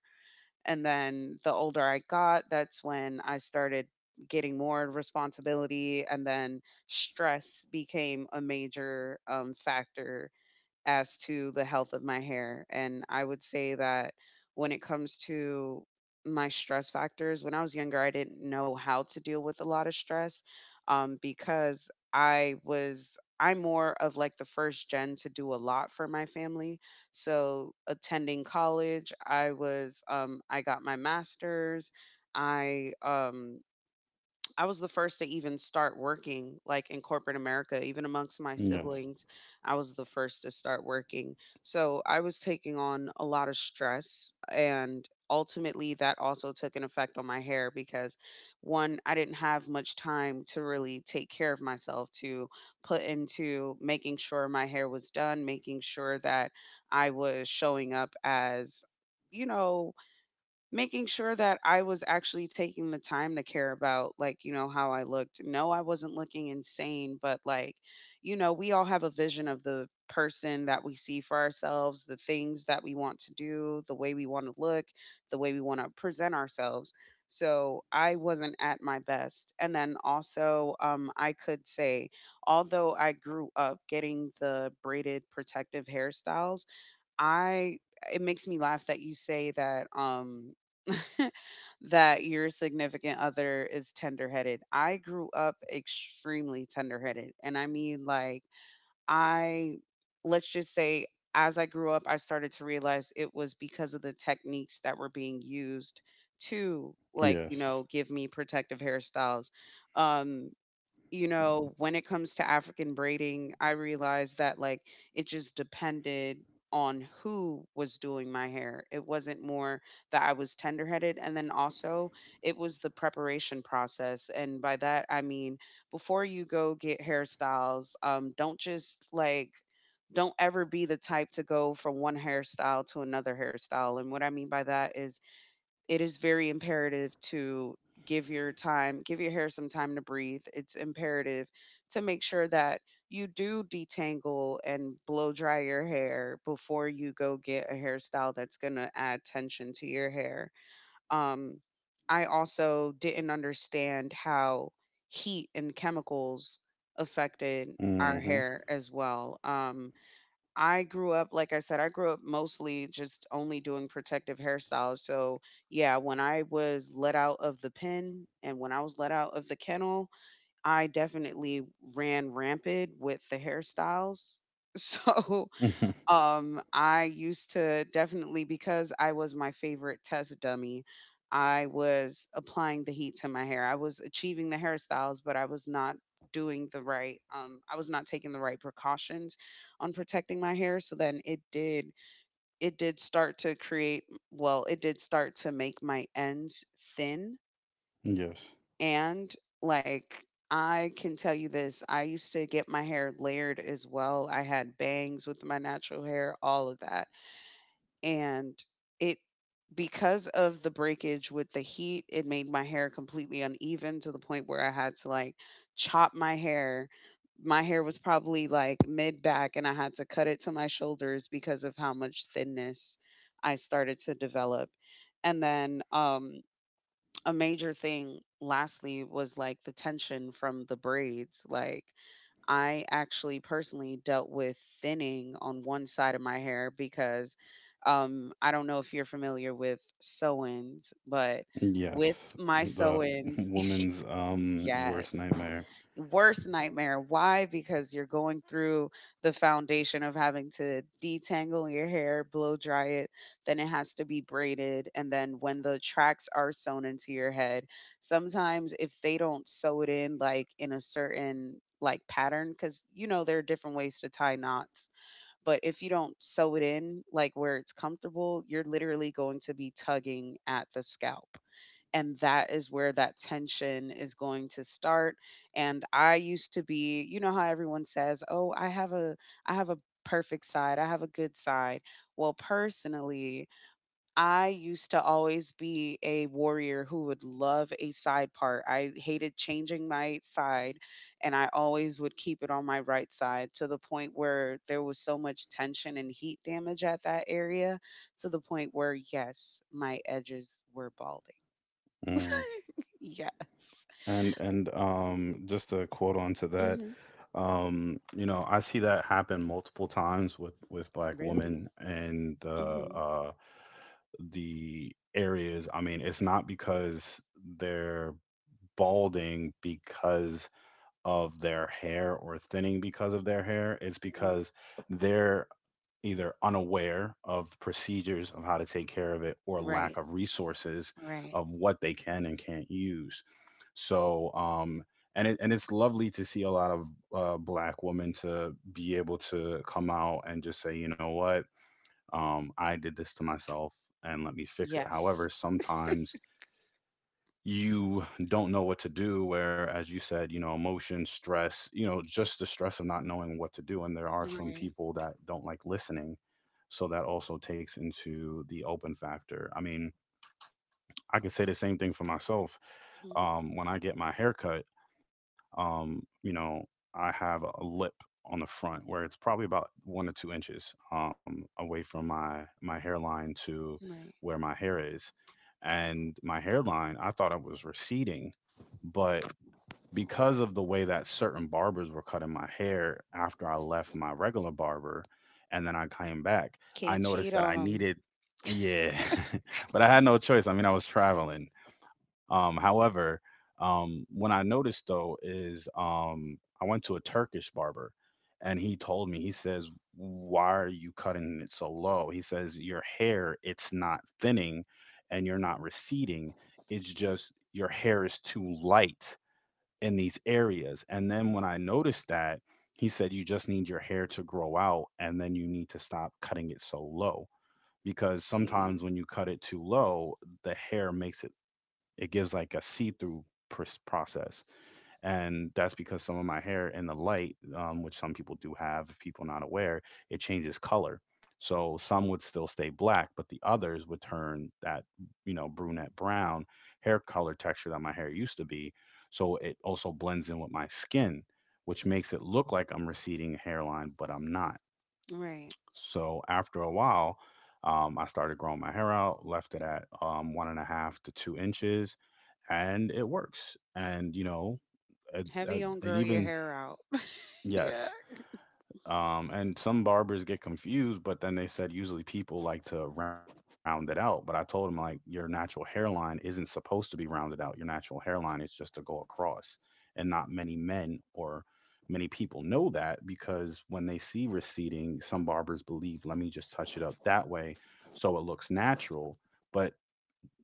B: and then the older I got, that's when I started getting more responsibility. And then stress became a major factor as to the health of my hair. And I would say that when it comes to my stress factors, when I was younger, I didn't know how to deal with a lot of stress because I was. I'm more of like the first gen to do a lot for my family. So attending college, I was I got my masters. I um I was the first to even start working, like, in corporate America, even amongst my
A: Yes.
B: siblings, I was the first to start working. So I was taking on a lot of stress, and ultimately, that also took an effect on my hair because, one, I didn't have much time to really take care of myself, to put into making sure my hair was done, making sure that I was showing up as, you know, making sure that I was actually taking the time to care about, like, you know, how I looked. No, I wasn't looking insane, but like, you know, we all have a vision of the person that we see for ourselves, the things that we want to do, the way we want to look, the way we want to present ourselves. So I wasn't at my best. And then also, I could say, although I grew up getting the braided protective hairstyles, I it makes me laugh that you say that that your significant other is tender-headed. I grew up extremely tender-headed and I mean like I let's just say as I grew up I started to realize it was because of the techniques that were being used to like you
A: Yes.
B: know give me protective hairstyles. Um you know, when it comes to African braiding, I realized that like it just depended on who was doing my hair. It wasn't more that I was tender-headed and then also it was the preparation process and by that I mean before you go get hairstyles, don't just like don't ever be the type to go from one hairstyle to another hairstyle. And what I mean by that is it is very imperative to give your time, give your hair some time to breathe. It's imperative to make sure that you do detangle and blow dry your hair before you go get a hairstyle that's going to add tension to your hair. Um, I also didn't understand how heat and chemicals affected our
A: Hmm.
B: hair as well. I grew up, like I said, I grew up mostly just only doing protective hairstyles. So, yeah, when I was let out of the pen and when I was let out of the kennel, I definitely ran rampant with the hairstyles. So, I used to definitely because I was my favorite test dummy. I was applying the heat to my hair. I was achieving the hairstyles, but I was not doing the right I was not taking the right precautions on protecting my hair, so then it did start to create well, it did start to make my ends thin
A: Yes.
B: and like I can tell you this. I used to get my hair layered as well. I had bangs with my natural hair, all of that and it because of the breakage with the heat, it made my hair completely uneven to the point where I had to like chop my hair. My hair was probably like mid back and I had to cut it to my shoulders because of how much thinness I started to develop. And then a major thing lastly was like the tension from the braids like I actually personally dealt with thinning on one side of my hair because I don't know if you're familiar with sew ins, but with
A: Yes.
B: my
A: The
B: sew ins,
A: woman's worst
B: yes,
A: nightmare.
B: worst nightmare. Why? Because you're going through the foundation of having to detangle your hair, blow dry it, then it has to be braided. And then when the tracks are sewn into your head, sometimes if they don't sew it in like in a certain like pattern, because you know, there are different ways to tie knots, but if you don't sew it in like where it's comfortable, you're literally going to be tugging at the scalp and that is where that tension is going to start and I used to be you know how everyone says oh i have a perfect side I have a good side well personally I used to always be a warrior who would love a side part I hated changing my side and I always would keep it on my right side to the point where there was so much tension and heat damage at that area to the point where yes my edges were balding
A: Mm.
B: yes.
A: And just to quote on to that,
B: hmm
A: you know, I see that happen multiple times with black
B: Brilliant.
A: women and
B: Hmm
A: the areas. I mean, it's not because they're balding because of their hair or thinning because of their hair. It's
B: hmm
A: because they're either unaware of procedures of how to take care of it or lack
B: Right.
A: of resources
B: Right.
A: of what they can and can't use. So, and it's lovely to see a lot of black women to be able to come out and just say, you know what, I did this to myself and let me fix it.
B: Yes.
A: However, sometimes you don't know what to do, where as you said, you know, emotion, stress, you know, just the stress of not knowing what to do, and there are some
B: Right.
A: people that don't like listening. So that also takes into the open factor. I mean, I could say the same thing for myself.
B: hmm
A: When I get my haircut, you know, I have a lip on the front where it's probably about one or two inches away from my hairline to
B: Right.
A: where my hair is, and my hairline I thought I was receding, but because of the way that certain barbers were cutting my hair after I left my regular barber and then I came back, I
B: Can't
A: noticed
B: cheat
A: that
B: on
A: I
B: them.
A: needed, yeah, but I had no choice. I mean, I was traveling. However, when I noticed though, is I went to a Turkish barber and he told me, he says, "Why are you cutting it so low?" He says, "Your hair, it's not thinning and you're not receding. It's just your hair is too light in these areas." And then when I noticed that, he said, "You just need your hair to grow out, and then you need to stop cutting it so low." Because sometimes
B: See.
A: when you cut it too low, the hair makes it, it gives like a see through process, and that's because some of my hair in the light, which some people do have, if people are not aware, it changes color. So some would still stay black, but the others would turn that brunette brown hair color texture that my hair used to be. So it also blends in with my skin, which makes it look like I'm receding hairline, but I'm not.
B: Right.
A: So after a while, I started growing my hair out, left it at 1.5 to 2 inches, and it works. And you know uh, uh,
B: Heavy on grow your
A: Even
B: hair out. yeah.
A: yes. And some barbers get confused, but then they said usually people like to round it out. But I told them, like, your natural hairline isn't supposed to be rounded out. Your natural hairline is just to go across. And not many men or many people know that, because when they see receding, some barbers believe, let me just touch it up that way so it looks natural. But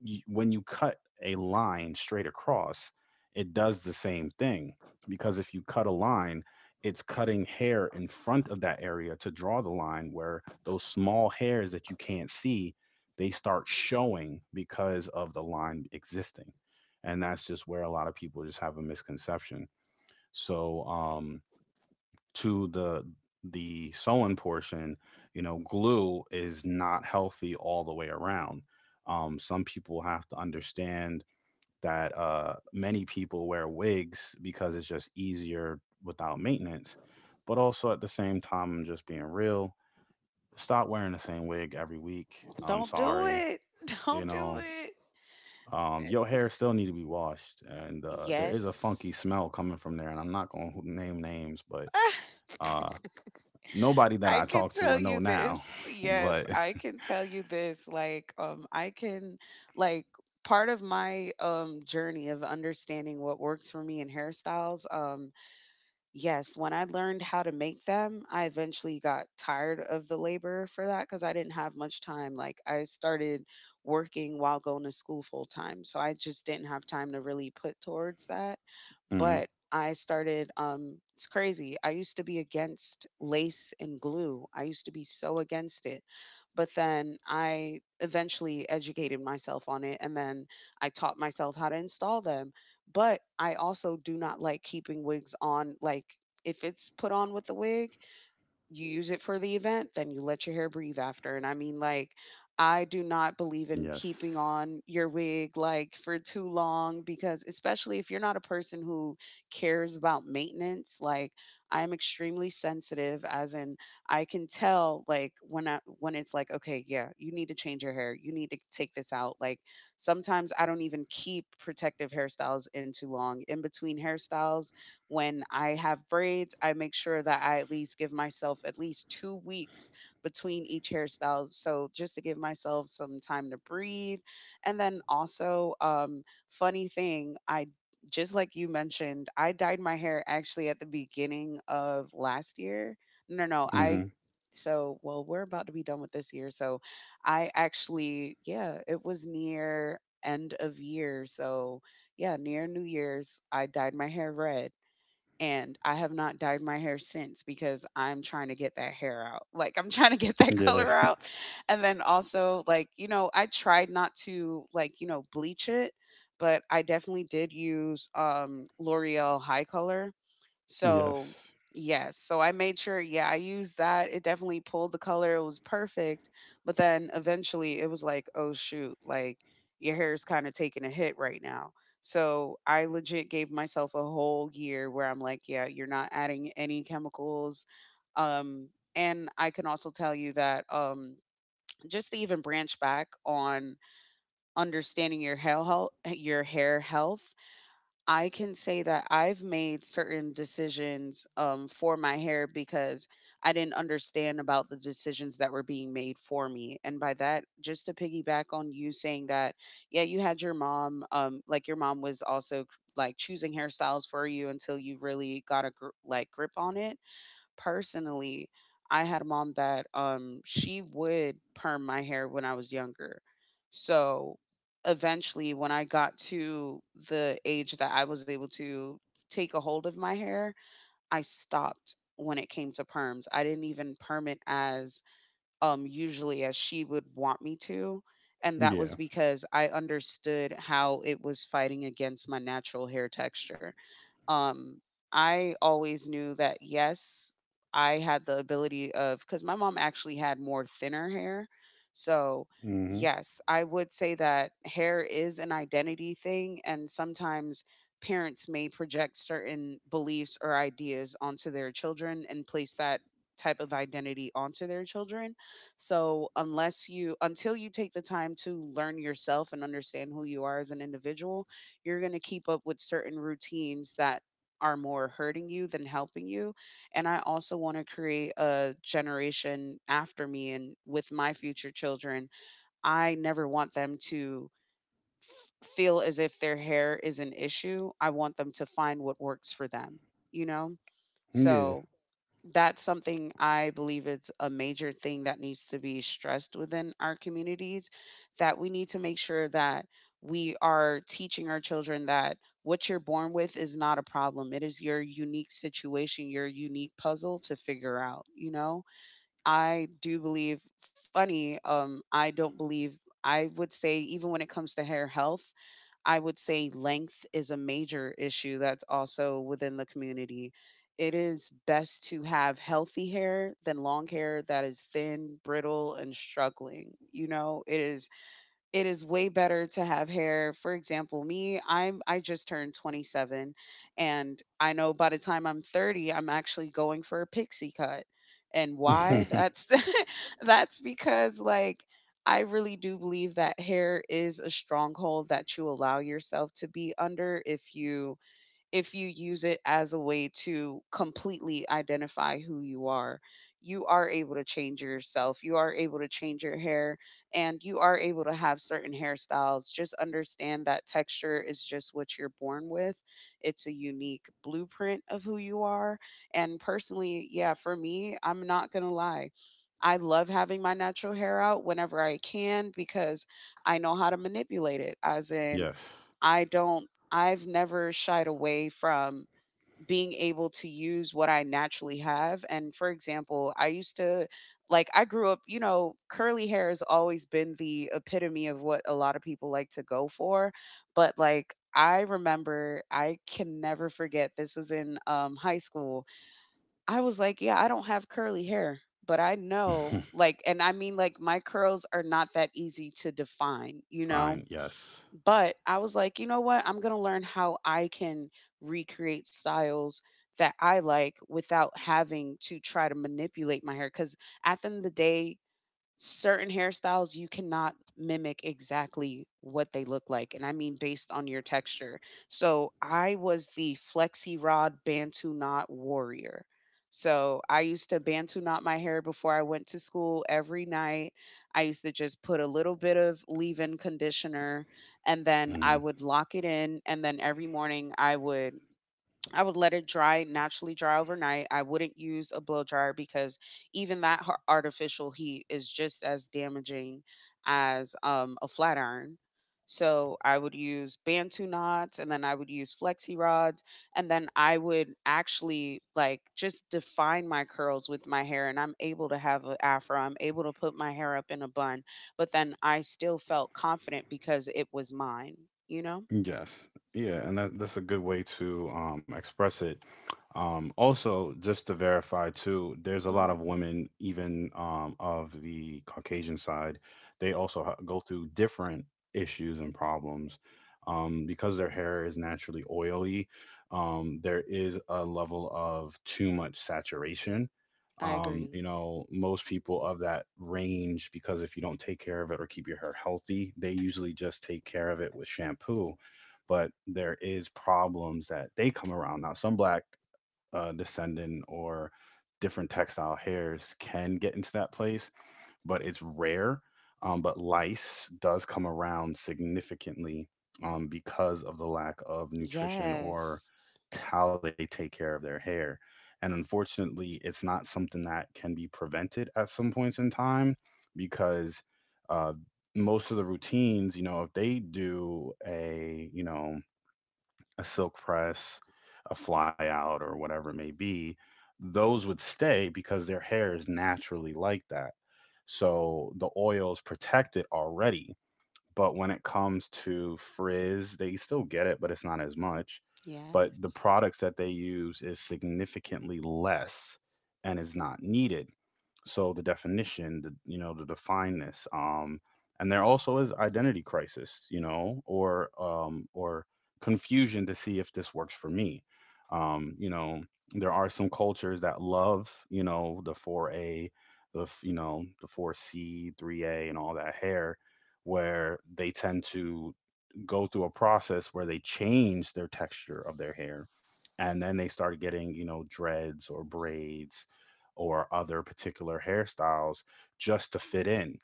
A: when you cut a line straight across, it does the same thing, because if you cut a line, it's cutting hair in front of that area to draw the line where those small hairs that you can't see, they start showing because of the line existing. And that's just where a lot of people just have a misconception. So, to the sewing portion, you know, glue is not healthy all the way around. Some people have to understand that many people wear wigs because it's just easier without maintenance. But also at the same time, I'm just being real. Stop wearing the same wig every week. I'm
B: Don't do
A: sorry.
B: it.
A: You
B: Don't do
A: know,
B: it.
A: your hair still need to be washed, and there is a funky
B: Yes.
A: smell coming from there. And I'm not going to name names, but uh, nobody that
B: I
A: I
B: can
A: talk to
B: tell
A: or know
B: you
A: now,
B: this. Yes,
A: but
B: I can tell you this. Like, I can like part of my journey of understanding what works for me in hairstyles. Yes, when I learned how to make them, I eventually got tired of the labor for that because I didn't have much time. Like, I started working while going to school full time. So I just didn't have time to really put towards that
A: mhm,
B: but I started it's crazy. I used to be against lace and glue. I used to be so against it. But then I eventually educated myself on it and then I taught myself how to install them. But I also do not like keeping wigs on like if it's put on with the wig, you use it for the event, then you let your hair breathe after. And I mean, like, I do not believe in keeping
A: yes,
B: on your wig like for too long because, especially if you're not a person who cares about maintenance, like, I am extremely sensitive, as in, I can tell, like, when I, when it's like, okay, yeah, you need to change your hair, you need to take this out. Like, sometimes I don't even keep protective hairstyles in too long. In between hairstyles, when I have braids, I make sure that I at least give myself at least 2 weeks between each hairstyle. So just to give myself some time to breathe. And then also, funny thing, I just like you mentioned, I dyed my hair actually at the beginning of last year. No, no, I
A: hmm,
B: so well we're about to be done with this year so I actually yeah it was near end of year so yeah near new year's I dyed my hair red. And I have not dyed my hair since because I'm trying to get that hair out. Like I'm trying to get that
A: yeah,
B: color out. And then also like, I tried not to like, bleach it, but I definitely did use L'Oreal high color so,
A: yes,
B: yes. So I made sure, yeah, I used that. It definitely pulled the color. It was perfect. But then eventually it was like, oh, shoot, like your hair's kind of taking a hit right now. So I legit gave myself a whole year where I'm like, yeah, you're not adding any chemicals. Um, and I can also tell you that just to even branch back on understanding your hair health I can say that I've made certain decisions for my hair because I didn't understand about the decisions that were being made for me. And by that, just to piggyback on you saying that, yeah, you had your mom, like your mom was also like choosing hairstyles for you until you really got a like grip on it personally, I had a mom that she would perm my hair when I was younger. So eventually when I got to the age that I was able to take a hold of my hair, I stopped when it came to perms. I didn't even perm it as usually as she would want me to. And that
A: yeah,
B: was because I understood how it was fighting against my natural hair texture. Um, I always knew that yes, I had the ability of because my mom actually had more thinner hair. So
A: hmm,
B: yes, I would say that hair is an identity thing and sometimes parents may project certain beliefs or ideas onto their children and place that type of identity onto their children. So, unless you, until you take the time to learn yourself and understand who you are as an individual, you're going to keep up with certain routines that are more hurting you than helping you. And I also want to create a generation after me and with my future children. I never want them to feel as if their hair is an issue. I want them to find what works for them, you know?
A: yeah,
B: So that's something I believe it's a major thing that needs to be stressed within our communities that we need to make sure that we are teaching our children that what you're born with is not a problem. It is your unique situation, your unique puzzle to figure out, you know? I do believe funny, I don't believe I would say even when it comes to hair health I would say length is a major issue that's also within the community. It is best to have healthy hair than long hair that is thin, brittle, and struggling. You know, it is way better to have hair. For example, me, I just turned 27, and I know by the time I'm 30, I'm actually going for a pixie cut. And why? That's that's because like I really do believe that hair is a stronghold that you allow yourself to be under if you use it as a way to completely identify who you are. You are able to change yourself, you are able to change your hair, and you are able to have certain hairstyles. Just understand that texture is just what you're born with, it's a unique blueprint of who you are. And personally, yeah, for me, I'm not gonna lie. I love having my natural hair out whenever I can because I know how to manipulate it, as in,
A: yes,
B: I've never shied away from being able to use what I naturally have. And for example, I used to like I grew up, you know, curly hair has always been the epitome of what a lot of people like to go for, but like I remember I can never forget this was in high school. I was like, yeah, I don't have curly hair, but I know like and I mean like my curls are not that easy to define, you
A: fine,
B: know?
A: yes,
B: But I was like, you know what? I'm going to learn how I can recreate styles that I like without having to try to manipulate my hair. Because at the end of the day, certain hairstyles you cannot mimic exactly what they look like and I mean based on your texture. So I was the flexi rod bantu knot warrior. So I used to bantu knot my hair before I went to school every night. I used to just put a little bit of leave-in conditioner and then I
A: mhm.
B: would lock it in, and then every morning I would let it dry, naturally dry overnight. I wouldn't use a blow dryer because even that artificial heat is just as damaging as a flat iron. So I would use Bantu knots and then I would use flexi rods. And then I would actually like just define my curls with my hair. And I'm able to have an afro, I'm able to put my hair up in a bun. But then I still felt confident because it was mine, you know?
A: Yes. Yeah, and that's a good way to express it. Also, just to verify too, there's a lot
B: Hmm.
A: of women, even of the Caucasian side, they also go through different issues and problems. Because their hair is naturally oily, there is a level of too much saturation.
B: I agree.
A: You know, most people of that range, because if you don't take care of it or keep your hair healthy, they usually just take care of it with shampoo, but there is problems that they come around. Now some black descendant or different textile hairs can get into that place, but it's rare. Um, but lice does come around significantly, because of the lack of nutrition or
B: Yes.
A: how they take care of their hair, and unfortunately it's not something that can be prevented at some points in time, because uh, most of the routines, you know, if they do a, you know, a silk press, a fly out, or whatever it may be, those would stay because their hair is naturally like that. So the oils protect it already. But when it comes to frizz, they still get it, but it's not as much. But the
B: Yes,
A: products that they use is significantly less and is not needed. So the definition, the, you know, to define this, um, and there also is identity crisis, you know, or confusion to see if this works for me. um you know there are some cultures that love, you know, the 4a, the you know, the 4c 3a and all that hair, where they tend to go through a process where they change their texture of their hair, and then they start getting, you know, dreads or braids or other particular hairstyles just to fit in.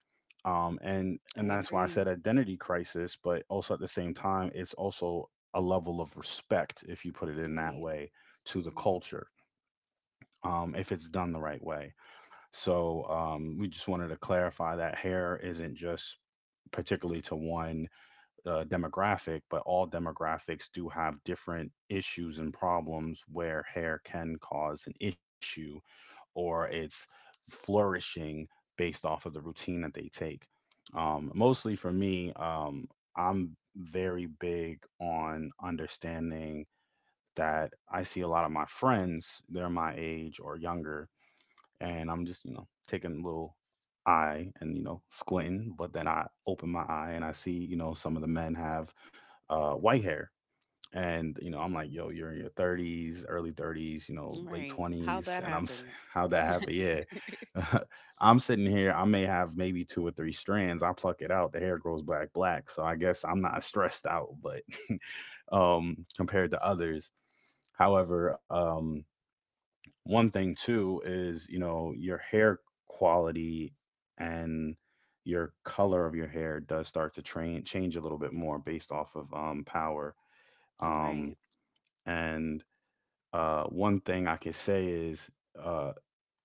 A: And
B: I
A: that's why I said
B: agree.
A: identity crisis, but also at the same time, it's also a level of respect, if you put it in that
B: Right.
A: way, to the
B: Hmm.
A: culture, if it's done the right way. So, we just wanted to clarify that hair isn't just particularly to one demographic, but all demographics do have different issues and problems where hair can cause an issue, or it's flourishing based off of the routine that they take. Mostly for me, I'm very big on understanding that I see a lot of my friends, they're my age or younger, and I'm just, you know, taking a little eye and, you know, squinting. But then I open my eye and I see, you know, some of the men have white hair. And you know, I'm like, yo, you're in your 30s, early 30s, you know, late
B: Right. How'd
A: 20s,
B: that
A: and
B: happen?
A: how'd that happen? Yeah, I'm sitting here. I may have maybe two or three strands. I pluck it out. The hair grows back black. So I guess I'm not stressed out, but compared to others. However, one thing too is, you know, your hair quality and your color of your hair does start to train change a little bit more based off of power.
B: Right.
A: Um, and One thing I could say is, uh,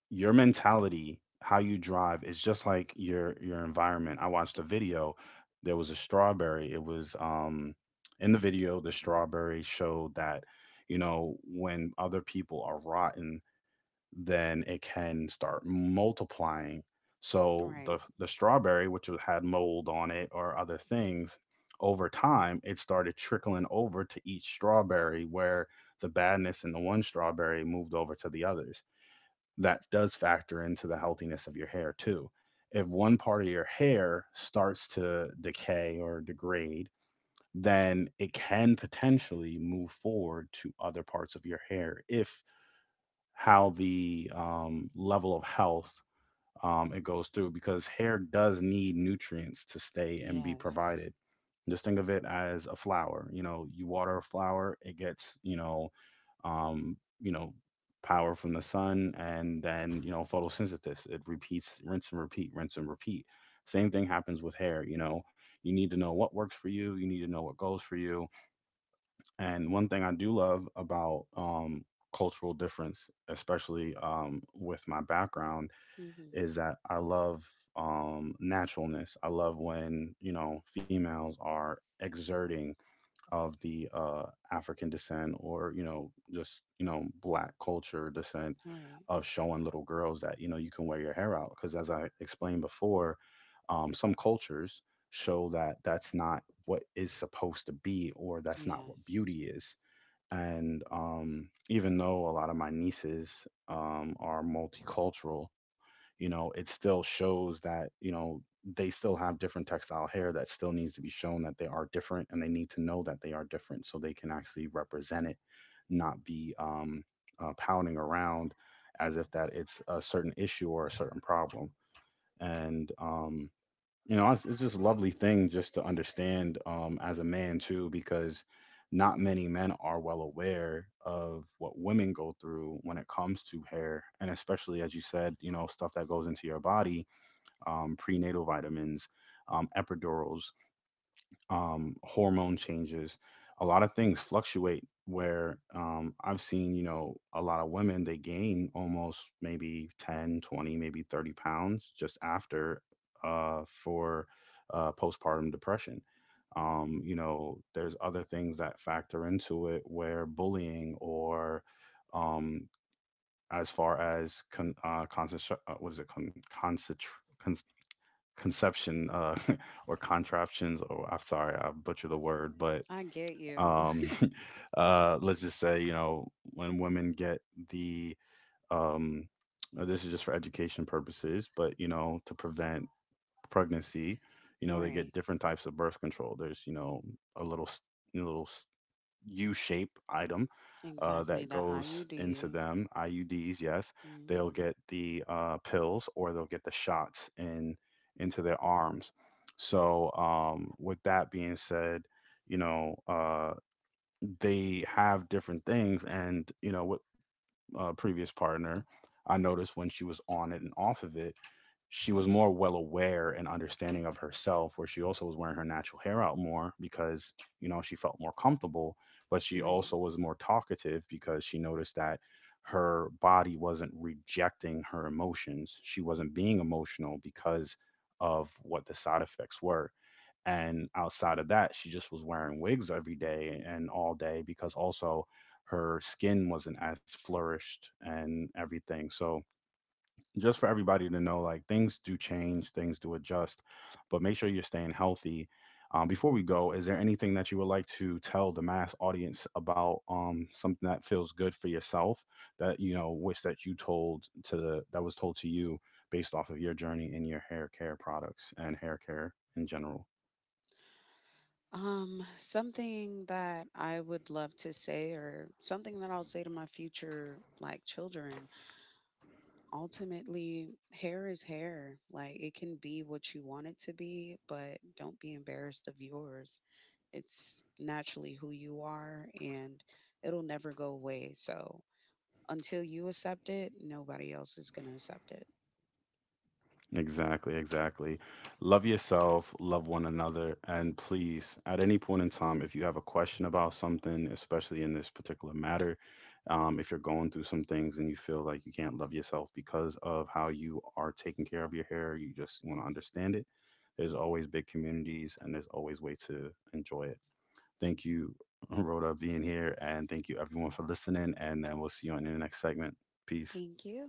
A: your mentality, how you drive, is just like your environment. I watched a video. There was a strawberry. It was in the video. The strawberry showed that, you know, when other people are rotten, then it can start multiplying. So
B: Right.
A: the strawberry, which had mold on it or other things, over time it started trickling over to each strawberry, where the badness in the one strawberry moved over to the others. That does factor into the healthiness of your hair too. If one part of your hair starts to decay or degrade, then it can potentially move forward to other parts of your hair, if how the, level of health, it goes through, because hair does need nutrients to stay and be
B: Yes.
A: provided. Just think of it as a flower. You know, you water a flower, it gets, you know, um, you know, power from the sun, and then, you know, photosynthesis. It repeats, rinse and repeat, rinse and repeat. Same thing happens with hair. You know, you need to know what works for you. You need to know what goes for you. And one thing I do love about, cultural difference, especially with my background,
B: Hmm.
A: is that I love naturalness. I love when, you know, females are exerting of the African descent or, you know, just, you know, black culture descent,
B: Right.
A: of showing little girls that, you know, you can wear your hair out. Because as I explained before, some cultures show that that's not what is supposed to be, or that's not what
B: Yes.
A: beauty is. And even though a lot of my nieces are multicultural, you know, it still shows that, you know, they still have different textile hair that still needs to be shown that they are different, and they need to know that they are different so they can actually represent it, not be pounding around as if that it's a certain issue or a certain problem. And you know, it's just a lovely thing just to understand, as a man too, because not many men are well aware of what women go through when it comes to hair, and especially, as you said, you know, stuff that goes into your body: prenatal vitamins, epidurals, hormone changes. A lot of things fluctuate, where I've seen, you know, a lot of women, they gain almost maybe 10, 20, maybe 30 pounds just after for postpartum depression. You know, there's other things that factor into it, where bullying or um, as far as concentration, what is it, concentration? Conception, or contraptions, or I'm sorry, I butchered the word, but
B: I get you.
A: um, let's just say, you know, when women get the um, this is just for education purposes, but, you know, to prevent pregnancy, you know, they
B: Right.
A: get different types of birth control. There's, you know, a little s- a little s- U shape item,
B: Exactly.
A: that
B: That
A: goes into
B: IUD.
A: them, IUDs, yes, they'll
B: Mm-hmm.
A: get the pills, or they'll get the shots in into their arms. So, with that being said, you know, they have different things. And, you know, with a previous partner, I noticed when she was on it and off of it, she was more well aware and understanding of herself, where she also was wearing her natural hair out more, because, you know, she felt more comfortable. But she
B: Right.
A: also was more talkative, because she noticed that her body wasn't rejecting her emotions, she wasn't being emotional because of what the side effects were. And outside of that, she just was wearing wigs every day and all day, because also her skin wasn't as flourished and everything. So, just for everybody to know, like, things do change, things do adjust, but make sure you're staying healthy. Before we go, is there anything that you would like to tell the mass audience about, something that feels good for yourself, that you know, wish that you told to the, that was told to you, based off of your journey in your hair care products and hair care in general?
B: Something that I would love to say, or something that I'll say to my future like children, ultimately hair is hair like it can be what you want it to be, but don't be embarrassed of yours. It's naturally who you are, and it'll never go away. So until you accept it nobody else is going to accept it.
A: Exactly, exactly. Love yourself, love one another, and please, at any point in time, if you have a question about something, especially in this particular matter, if you're going through some things and you feel like you can't love yourself because of how you are taking care of your hair, you just want to understand it, there's always big communities and there's always way to enjoy it. Thank you, Rhoda, being here, and thank you everyone for listening, and then we'll see you on the next segment. Peace.
B: Thank you.